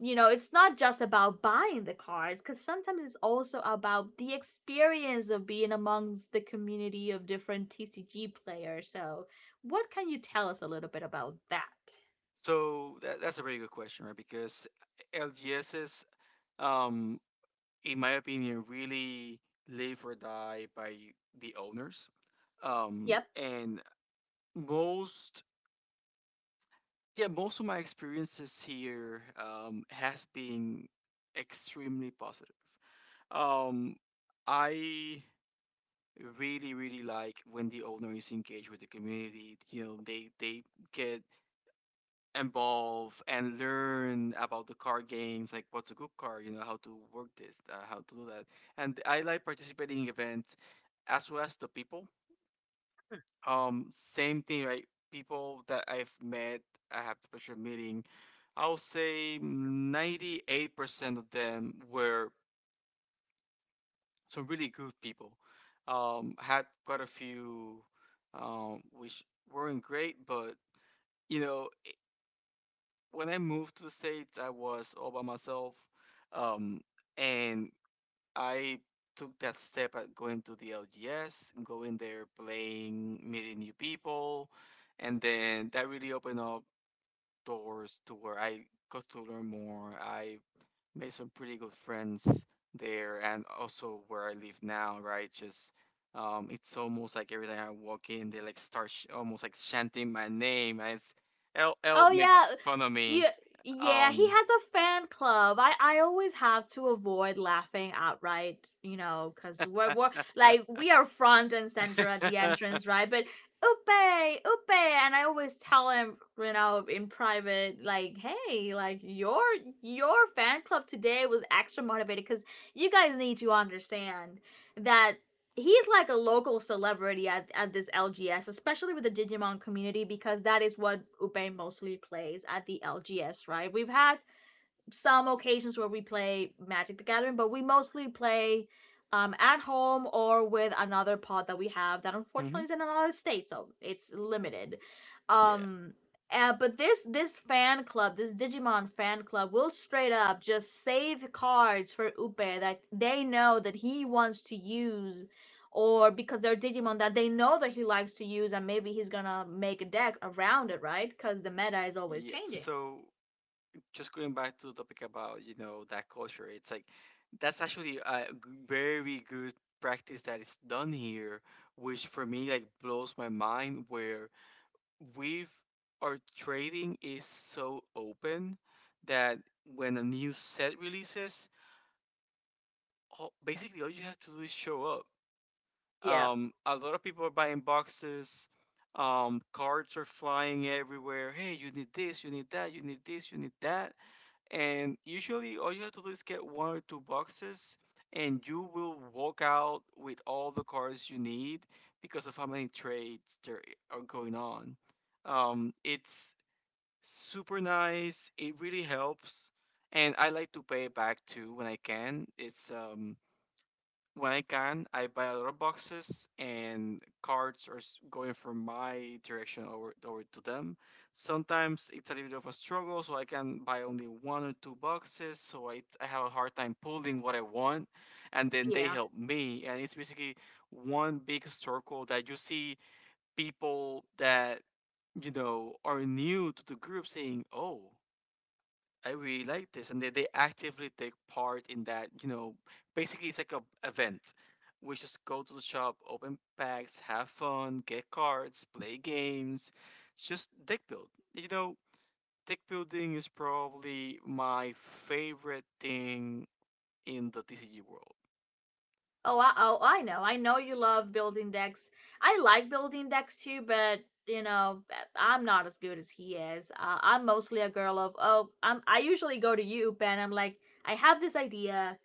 you know, it's not just about buying the cards, because sometimes it's also about the experience of being amongst the community of different TCG players. So, what can you tell us a little bit about that?
So that's a very good question, right? Because LGSs, um, in my opinion, really live or die by the owners.
Yep.
And most, yeah, most of my experiences here, has been extremely positive. Um, I really, really like when the owner is engaged with the community. You know, they get involve and learn about the card games, like what's a good card, you know, how to work this, how to do that. And I like participating in events, as well as the people. Same thing, right? People that I've met, I have the pleasure of meeting. I'll say 98% of them were some really good people. Had quite a few, which weren't great, but you know, when I moved to the States, I was all by myself. Um, and I took that step at going to the LGS, going there, playing, meeting new people. And then that really opened up doors to where I got to learn more. I made some pretty good friends there, and also where I live now, right? Just It's almost like every time I walk in, they like almost like chanting my name. And It's L L
Oh
makes
yeah,
fun of me.
yeah, yeah. He
Um,
has a fan club. I always have to avoid laughing outright, you know, because we're like we are front and center at the entrance, right? But Upe, and I always tell him, you know, in private, like, hey, like your fan club today was extra motivated, because you guys need to understand that he's like a local celebrity at this LGS, especially with the Digimon community, because that is what Upe mostly plays at the LGS, right? We've had some occasions where we play Magic the Gathering, but we mostly play at home or with another pod that we have that
hmm.
unfortunately is in another state, so it's limited.
Yeah.
Um, but this fan club, this Digimon fan club, will straight up just save cards for Upe that they know that he wants to use, or because they're Digimon that they know that he likes to use, and maybe he's gonna make a deck around it, right? Because the meta is always
Yeah.
changing.
So just going back to the topic about, you know, that culture, it's like that's actually very good practice that is done here, which for me like blows my mind, where we've our trading is so open that when a new set releases, basically all you have to do is show up.
Yeah,
A lot of people are buying boxes. Cards are flying everywhere. Hey, you need this, you need that, you need this, you need that. And usually, all you have to do is get one or two boxes, and you will walk out with all the cards you need, because of how many trades there are going on. It's super nice. It really helps, and I like to pay it back too when I can. It's When I can, I buy a lot of boxes, and cards are going from my direction over to them. Sometimes it's a little bit of a struggle, so I can buy only one or two boxes. So I have a hard time pulling what I want, and then they
yeah.
help me. And it's basically one big circle, that you see people that you know are new to the group, saying, "Oh, I really like this," and they actively take part in that. You know, basically it's like a event. We just go to the shop, open packs, have fun, get cards, play games, just deck build. You know, deck building is probably my favorite thing in the TCG world.
Oh, I know. I know you love building decks. I like building decks too, but you know, I'm not as good as he is. I'm mostly a girl of, oh, I'm. I usually go to you, Ben. I'm like, I have this idea.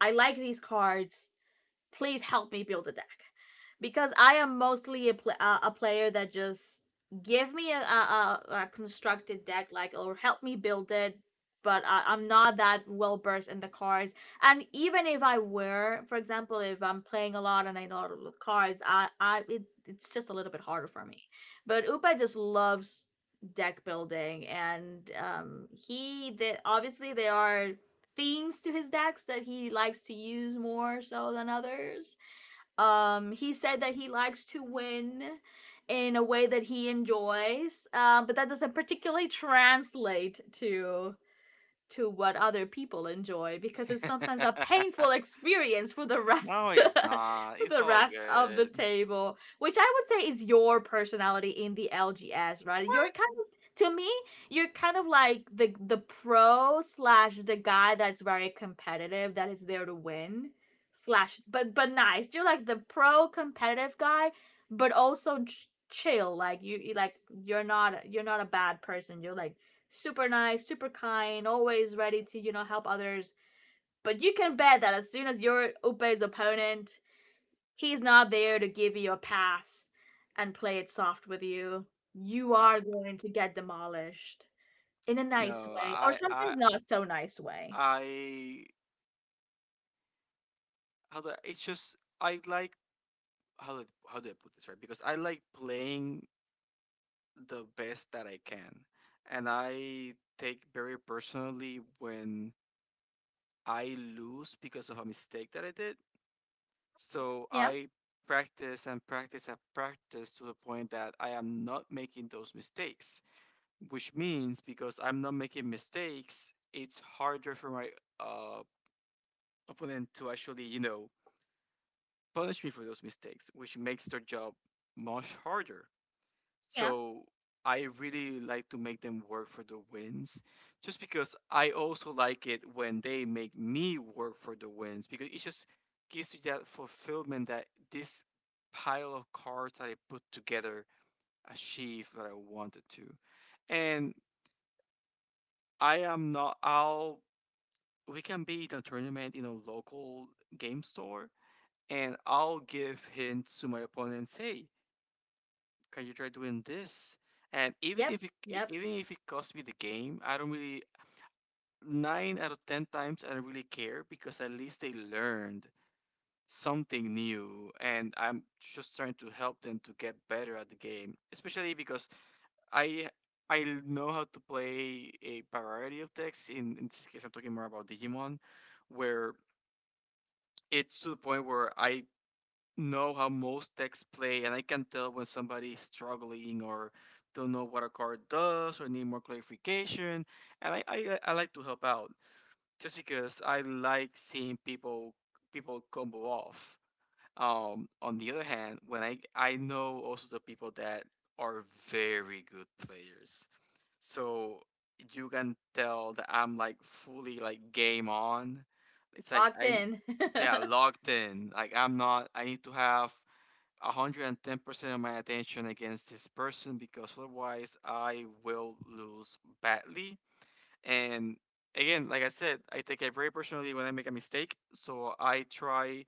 I like these cards, please help me build a deck, because I am mostly a a player that just give me a, constructed deck, like, or help me build it. But I, I'm not that well versed in the cards. And even if I were, for example, if I'm playing a lot and I know a lot of cards, I it, it's just a little bit harder for me. But Upa just loves deck building, and he that obviously they are themes to his decks that he likes to use more so than others. He said that he likes to win in a way that he enjoys, but that doesn't particularly translate to what other people enjoy because it's sometimes a painful experience for the
No,
rest
it's not.
for
It's
the
all
rest of the
good.
table, which I would say is your personality in the LGS, right? You're
What?
kind of to me, you're kind of like the pro slash the guy that's very competitive, that is there to win slash but nice. You're like the pro competitive guy, but also chill. Like you like, you're not, you're not a bad person. You're like super nice, super kind, always ready to, help others. But you can bet that as soon as you're Upe's opponent, he's not there to give you a pass and play it soft with you. You
Uh,
are going to get demolished in a nice
no,
way, or
I I
sometimes not so nice way.
I how the it's just I like, how do I put this right? Because I like playing the best that I can, and I take very personally when I lose because of a mistake that I did. So
Yeah,
I practice and practice and practice to the point that I am not making those mistakes, which means, because I'm not making mistakes, it's harder for my uh, opponent to actually, punish me for those mistakes, which makes their job much harder.
yeah,
So I really like to make them work for the wins, just because I also like it when they make me work for the wins, because it just gives you that fulfillment that this pile of cards that I put together achieved what I wanted to. And I am not, I'll, we can be in a tournament in a local game store, and I'll give hints to my opponents, hey, can you try doing this? And even
yep,
if it e,
yep.
even if it costs me the game, I don't really nine out of ten times I don't really care because at least they learned something new, and I'm just trying to help them to get better at the game. Especially because I I know how to play a variety of decks. In this case I'm talking more about Digimon, where it's to the point where I know how most decks play, and I can tell when somebody's struggling or don't know what a card does or need more clarification. And I like to help out just because I like seeing people combo off. On the other hand, when I know also the people that are very good players, so you can tell that I'm like fully like game on. It's like
Locked
I'm
in.
yeah logged in. Like I'm not. I need to have 110% of my attention against this person because otherwise I will lose badly. And again, like I said, I take it very personally when I make a mistake, so I try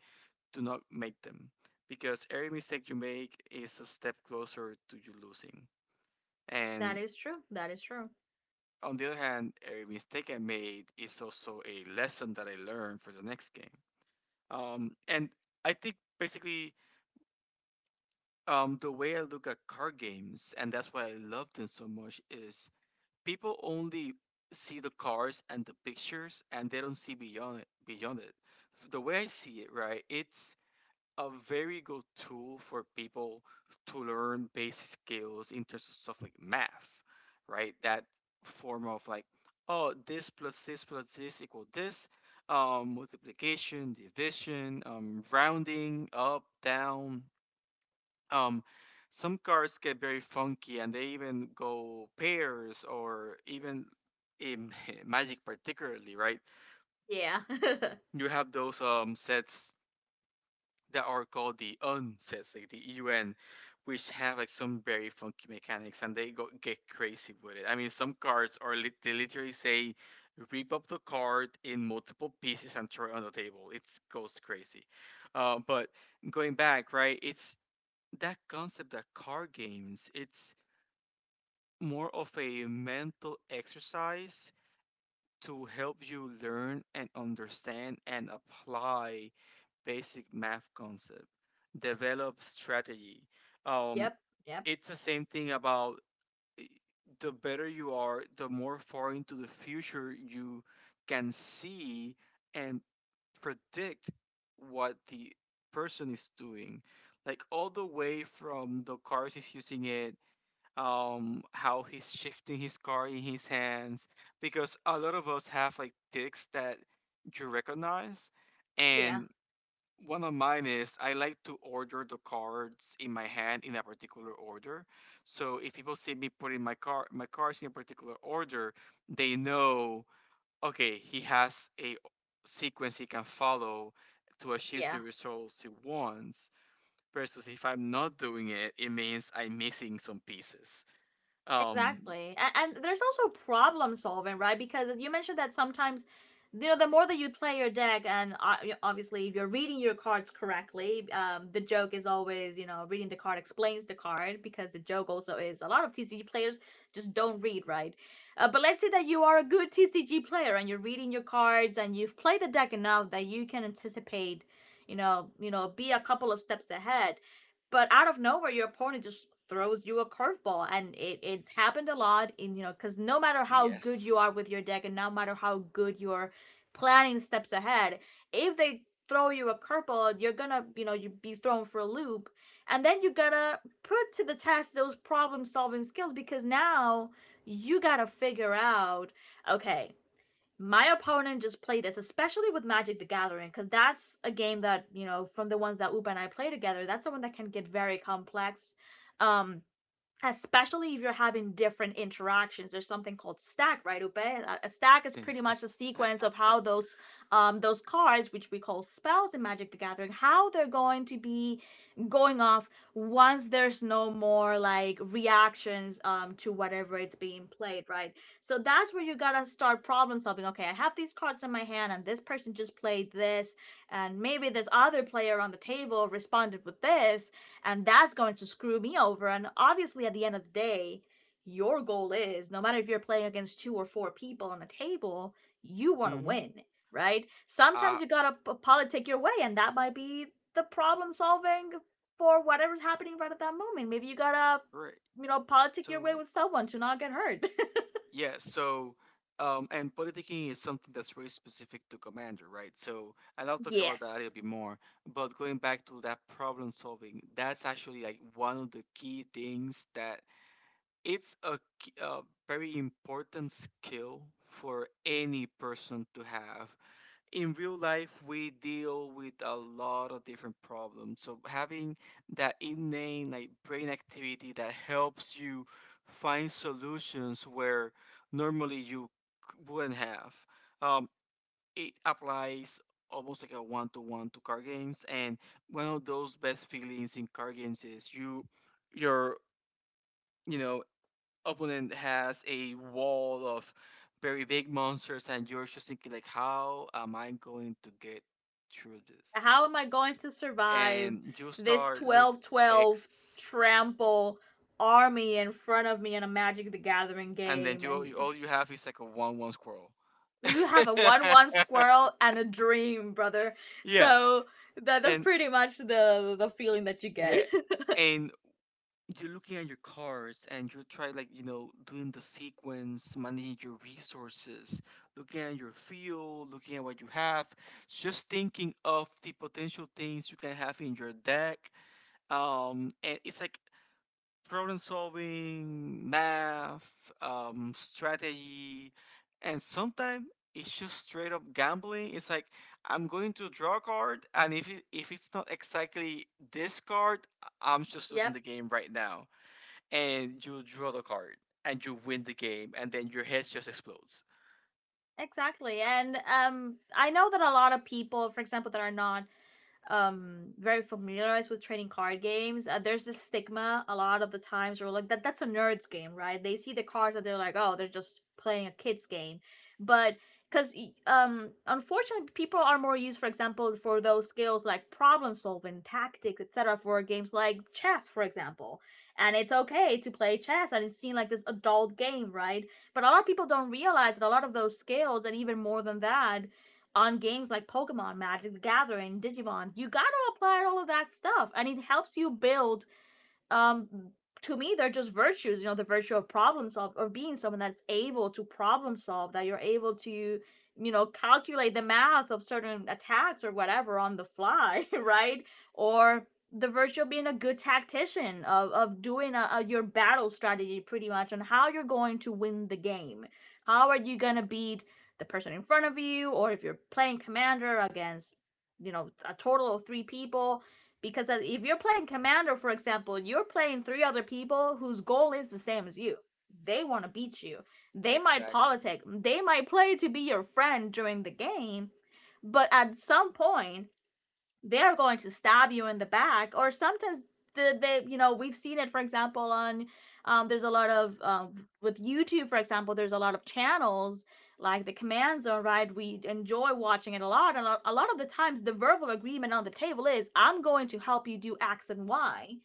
to not make them, because every mistake you make is a step closer to you losing.
That
And
is true. That is true.
on the other hand, every mistake I made is also a lesson that I learned for the next game. And I think basically the way I look at card games, and that's why I love them so much, is people only see the cars and the pictures, and they don't see beyond it. Beyond it, the way I see it, right, it's a very good tool for people to learn basic skills in terms of stuff like math, right? That form of like, oh, this plus this plus this equal this. Multiplication, division, rounding, up, down, um some cars get very funky and they even go pairs or even in magic particularly, right,
Yeah.
you have those sets that are called the un sets, like the un, which have like some very funky mechanics, and they go get crazy with it. I mean, some cards are lit, they literally say rip up the card in multiple pieces and throw it on the table. It goes crazy. But going back, right, it's that concept that card games, it's more of a mental exercise to help you learn and understand and apply basic math concept, develop strategy. um,
Yep, yep,
it's the same thing about the better you are, the more far into the future you can see and predict what the person is doing, like all the way from the cars is using it, how he's shifting his car in his hands, because a lot of us have like ticks that you recognize.
yeah,
And one of mine is I like to order the cards in my hand in a particular order. So if people see me putting my cards in a particular order, they know, okay, he has a sequence he can follow to achieve
yeah.
the results he wants. Versus if I'm not doing it, it means I'm missing some pieces. Um,
Exactly. And there's also problem solving, right? Because you mentioned that sometimes, you know, the more that you play your deck, and obviously if you're reading your cards correctly, the joke is always, you know, reading the card explains the card, because the joke also is a lot of TCG players just don't read, right? But let's say that you are a good TCG player and you're reading your cards and you've played the deck enough that you can anticipate, be a couple of steps ahead. But out of nowhere your opponent just throws you a curveball, and it's happened a lot in, you know, because no matter how good you
yes.
are with your deck and no matter how good you're planning steps ahead, if they throw you a curveball, you're gonna, you know, you be thrown for a loop. And then you gotta put to the test those problem solving skills, because now you gotta figure out, okay, my opponent just played this, especially with Magic the Gathering, because that's a game that, you know, from the ones that Upa and I play together, that's someone that can get very complex. Um, Especially if you're having different interactions, there's something called stack, right? Stack is pretty much the sequence of how those cards, which we call spells in Magic the Gathering, how they're going to be going off once there's no more like reactions, to whatever it's being played, right? So that's where you gotta start problem solving. Okay, I have these cards in my hand and this person just played this, and maybe this other player on the table responded with this, and that's going to screw me over. And obviously, at the end of the day, your goal is, no matter if you're playing against two or four people on a table, you want to
Mm-hmm.
win, right?
Uh,
Sometimes you gotta politic your way, and that might be the problem solving for whatever's happening right at that moment. Maybe you gotta,
right.
you know, politic your way
So,
with someone to not get hurt.
yeah, and politicking is something that's very specific to Commander, right? So, and I'll talk about that a little
Yes.
bit more. But going back to that problem solving, that's actually like one of the key things that it's a very important skill for any person to have. In real life we deal with a lot of different problems, so having that innate like brain activity that helps you find solutions where normally you wouldn't have. um, it applies almost like a one-to-one to card games, and one of those best feelings in card games is your you know, opponent has a wall of very big monsters and you're just thinking like, how am I going to get through this?
How am I going to survive
And you
this
start look
12 12
x,
trample army in front of me in a Magic the Gathering
and then
game? And
all you have is like a one one squirrel.
you have a 1 1 squirrel and a dream, brother.
Yeah.
So that's
And
pretty much the feeling that you get.
yeah, and you're looking at your cards, and you try like, you know, doing the sequence, managing your resources, looking at your field, looking at what you have, just thinking of the potential things you can have in your deck. And it's like problem solving, math, strategy, and sometimes it's just straight up gambling. It's like, I'm going to draw a card, and if it's not exactly this card, I'm just losing
Yep.
the game right now. And you draw the card and you win the game, and then your head just explodes.
Exactly. And I know that a lot of people, for example, that are not very familiarized with trading card games, there's this stigma a lot of the times where like that's a nerd's game, right? They see the cards and they're like, oh, they're just playing a kid's game. But because unfortunately people are more used, for example, for those skills like problem solving, tactics, etc. for games like chess, for example. And it's okay to play chess, and it's seen like this adult game, right? But a lot of people don't realize that a lot of those skills, and even more than that, on games like Pokemon, Magic the Gathering, Digimon. You gotta apply all of that stuff, and it helps you build, um to me they're just virtues, you know, the virtue of problem solve, or being someone that's able to problem solve, that you're able to, you know, calculate the math of certain attacks or whatever on the fly right? Or the virtue of being a good tactician of doing your battle strategy pretty much on how you're going to win the game, how are you going to beat the person in front of you, or if you're playing commander against, you know, a total of three people, because if you're playing commander, for example, you're playing three other people whose goal is the same as you. They want to beat you. They might
Exactly.
politic. They might play to be your friend during the game, but at some point, they are going to stab you in the back, or sometimes they, you know, we've seen it, for example, on, there's a lot of with YouTube, for example, there's a lot of channels like the Command Zone, right? We enjoy watching it a lot, and a lot of the times the verbal agreement on the table is, I'm going to help you do X and Y,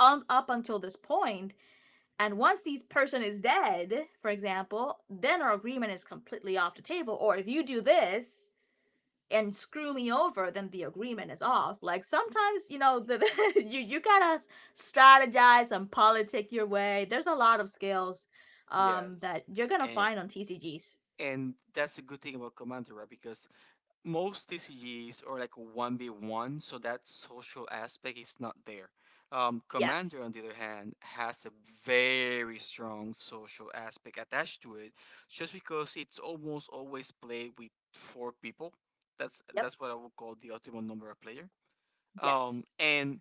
up until this point. And once this person is dead, for example, then our agreement is completely off the table. Or if you do this and screw me over, then the agreement is off. Like sometimes, you
Yes.
know, you, you gotta
Yes.
strategize and politic your way. There's a lot of skills that
Yes.
you're gonna
And
find on TCGs.
and that's a good thing about Commander, right? Because most TCGs are like one v one, so that social aspect is not there. Commander,
Yes.
on the other hand, has a very strong social aspect attached to it, just because it's almost always played with four people. That's
Yep.
that's what I would call the optimal number of player.
Yes.
And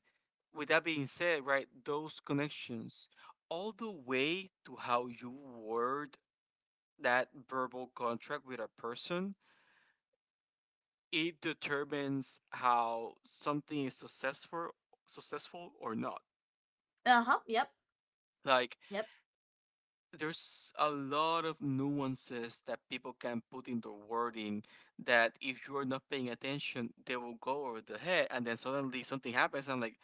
with that being said, right, those connections, all the way to how you word that verbal contract with a person, it determines how something is successful or not.
Uh huh. Yep.
Like
Yep.
there's a lot of nuances that people can put in the wording that if you're not paying attention, they will go over the head, and then suddenly something happens. And I'm like,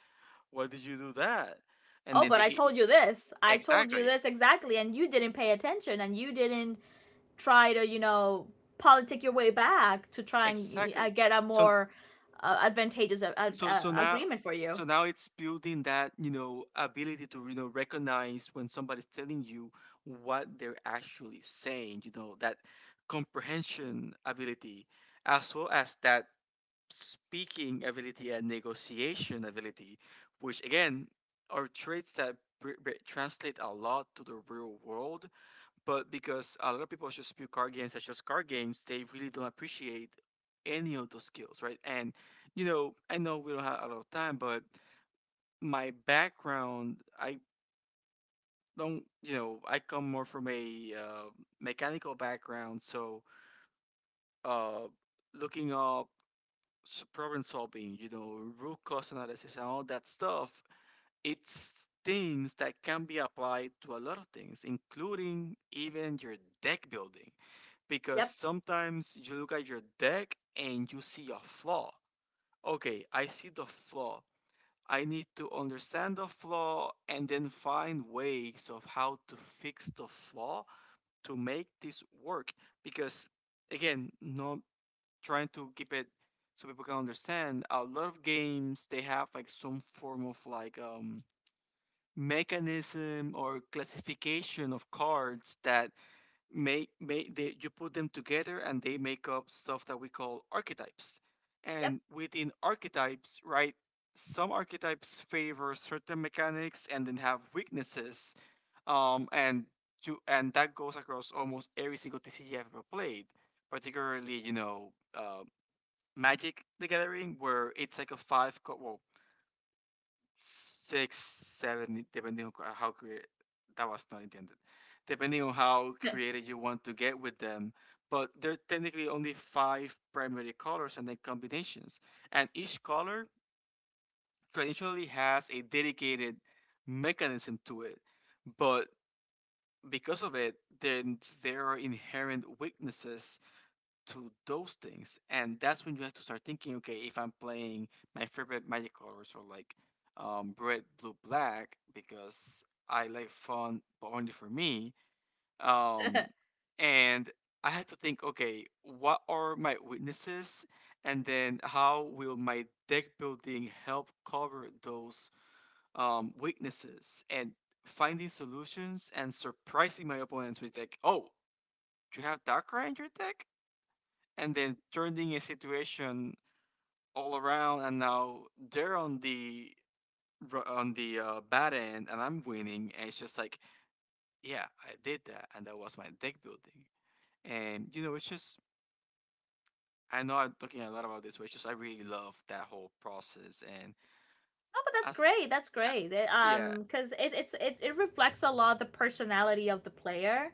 why did you do that? And
Oh,
then
but
they
I
hit.
told you this. I told you
Exactly.
this exactly, and you didn't pay attention, and you didn't try to, you know, politic your way back to try and,
Exactly.
get a
So
more advantageous
so so now
agreement for you.
so now it's building that, you know, ability to, you know, recognize when somebody's telling you what they're actually saying, you know, that comprehension ability, as well as that speaking ability and negotiation ability, which again are traits that translate a lot to the real world. But because a lot of people just view card games as just card games, they really don't appreciate any of those skills, right? And you know, I know we don't have a lot of time, but my background, I don't, you know, I come more from a mechanical background, so uh, looking up problem solving, you know, root cause analysis and all that stuff, it's things that can be applied to a lot of things, including even your deck building. Because
Yep.
sometimes you look at your deck and you see a flaw. Okay, I see the flaw. I need to understand the flaw and then find ways of how to fix the flaw to make this work. Because again, not trying to keep it so people can understand. A lot of games they have like some form of like mechanism or classification of cards that you put them together and they make up stuff that we call archetypes. And within archetypes, right, some archetypes favor certain mechanics and then have weaknesses. And you and that goes across almost every single TCG I've ever played, particularly, you know, Magic the Gathering, where it's like a well, six, seven, depending on how creative, that was not intended, depending on how
Yep.
creative you want to get with them. But there are technically only five primary colors and then combinations, and each color traditionally has a dedicated mechanism to it. But because of it, then there are inherent weaknesses to those things, and that's when you have to start thinking, okay, if I'm playing my favorite magic colors or like red, blue, black, because I like fun, but only for me. Um, and I had to think, okay, what are my weaknesses, and then how will my deck building help cover those weaknesses? And finding solutions and surprising my opponents with like, oh, you have Darkrai in your deck? And then turning a situation all around, and now they're on the on the bad end and I'm winning, and it's just like, yeah, I did that, and that was my deck building. And you know, it's just, I know I'm talking a lot about this, but it's just I really love that whole process. And
No, but that's
as
great. That's
uh,
great. It,
yeah.
because it reflects a lot the personality of the player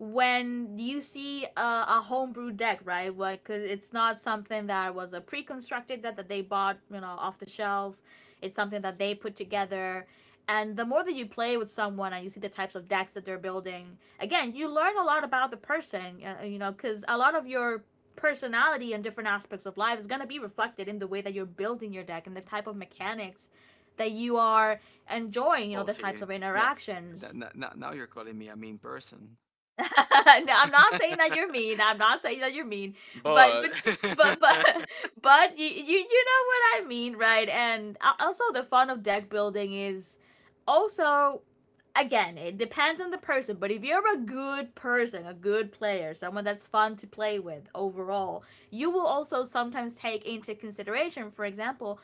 when you see a homebrew deck, right? Like, 'cause it's not something that was a pre-constructed that that they bought, you know, off the shelf. It's something that they put together. And the more that you play with someone and you see the types of decks that they're building, again, you learn a lot about the person, you know, because a lot of your personality and different aspects of life is going to be reflected in the way that you're building your deck and the type of mechanics that you are enjoying, you know,
Oh
the types
see,
of
now,
interactions.
now, now you're calling me a mean person.
No, I'm not saying that you're mean. I'm not saying that you're mean, but
But
but but but but you, you know what I mean, right? And also the fun of deck building is also, again, it depends on the person, but if you're a good person, a good player, someone that's fun to play with overall, you will also sometimes take into consideration, for example,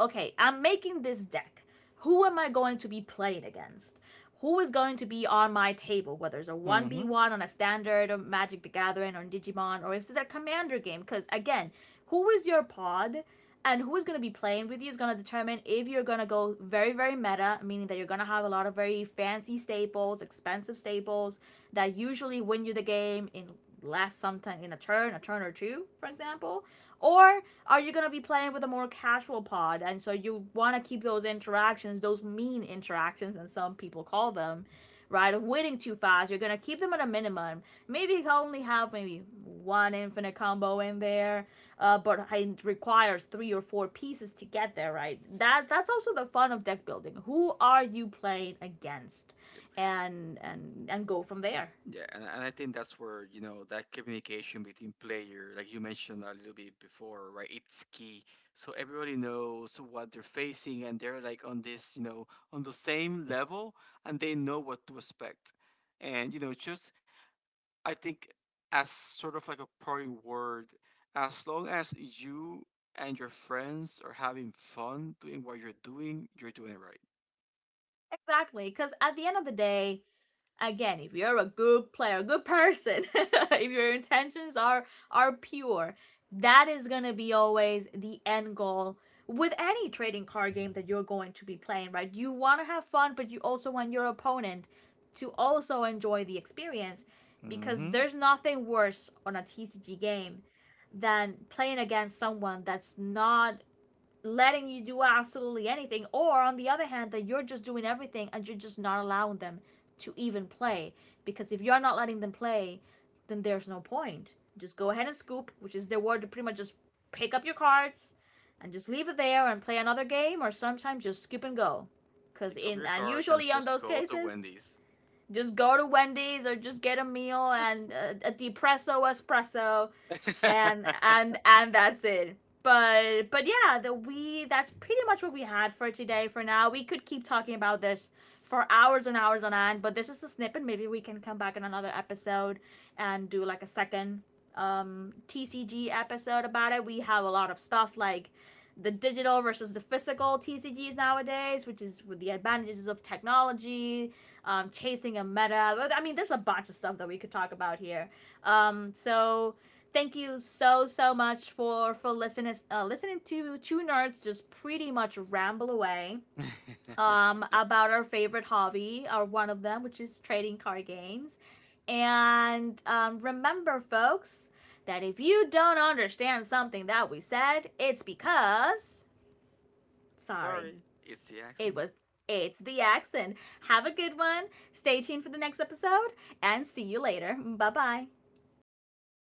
okay, I'm making this deck. Who am I going to be playing against? Who is going to be on my table? Whether it's a
mhm.
1v1 on a standard or Magic the Gathering or Digimon, or is it a commander game? Because again, who is your pod and who is going to be playing with you is going to determine if you're going to go very, very meta, meaning that you're going to have a lot of very fancy staples, expensive staples that usually win you the game in last sometime in a turn or two, for example, or are you going to be playing with a more casual pod? And so you want to keep those interactions, those mean interactions, and some people call them, right? Of winning too fast. You're going to keep them at a minimum. Maybe you only have maybe one infinite combo in there, but it requires three or four pieces to get there, right? That's also the fun of deck building. Who are you playing against? And go from there.
Yeah, and I think that's where, you know, that communication between player, like you mentioned a little bit before, right? It's key. So everybody knows what they're facing and they're like on this, you know, on the same level, and they know what to expect. And, you know, just I think as sort of like a parting word, as long as you and your friends are having fun doing what you're doing it right.
Exactly. Because at the end of the day, again, if you're a good player, a good person, if your intentions are pure, that is going to be always the end goal with any trading card game that you're going to be playing, right? You want to have fun, but you also want your opponent to also enjoy the experience, because
Mm-hmm.
there's nothing worse on a TCG game than playing against someone that's not letting you do absolutely anything, or on the other hand, that you're just doing everything and you're just not allowing them to even play. Because if you're not letting them play, then there's no point. Just go ahead and scoop, which is their word to pretty much just pick up your cards and just leave it there and play another game, or sometimes just skip and go. Because
Pick up
in,
your
and
cars and
usually on
just
those
go to
cases,
Wendy's.
just go to Wendy's, or just get a meal and a depresso espresso, and and and that's it. But yeah, the we that's pretty much what we had for today. For now, we could keep talking about this for hours and hours on end, but this is a snippet. Maybe we can come back in another episode and do like a second TCG episode about it. We have a lot of stuff like the digital versus the physical TCGs nowadays, which is, with the advantages of technology, chasing a meta. I mean, there's a bunch of stuff that we could talk about here. So thank you so so much for listening, listening to two nerds just pretty much ramble away about our favorite hobby, or one of them, which is trading card games. And remember folks that if you don't understand something that we said, it's because, sorry,
Sorry, it's the
it
accent.
was, it's the accent. Have a good one. Stay tuned for the next episode, and see you later. Bye bye.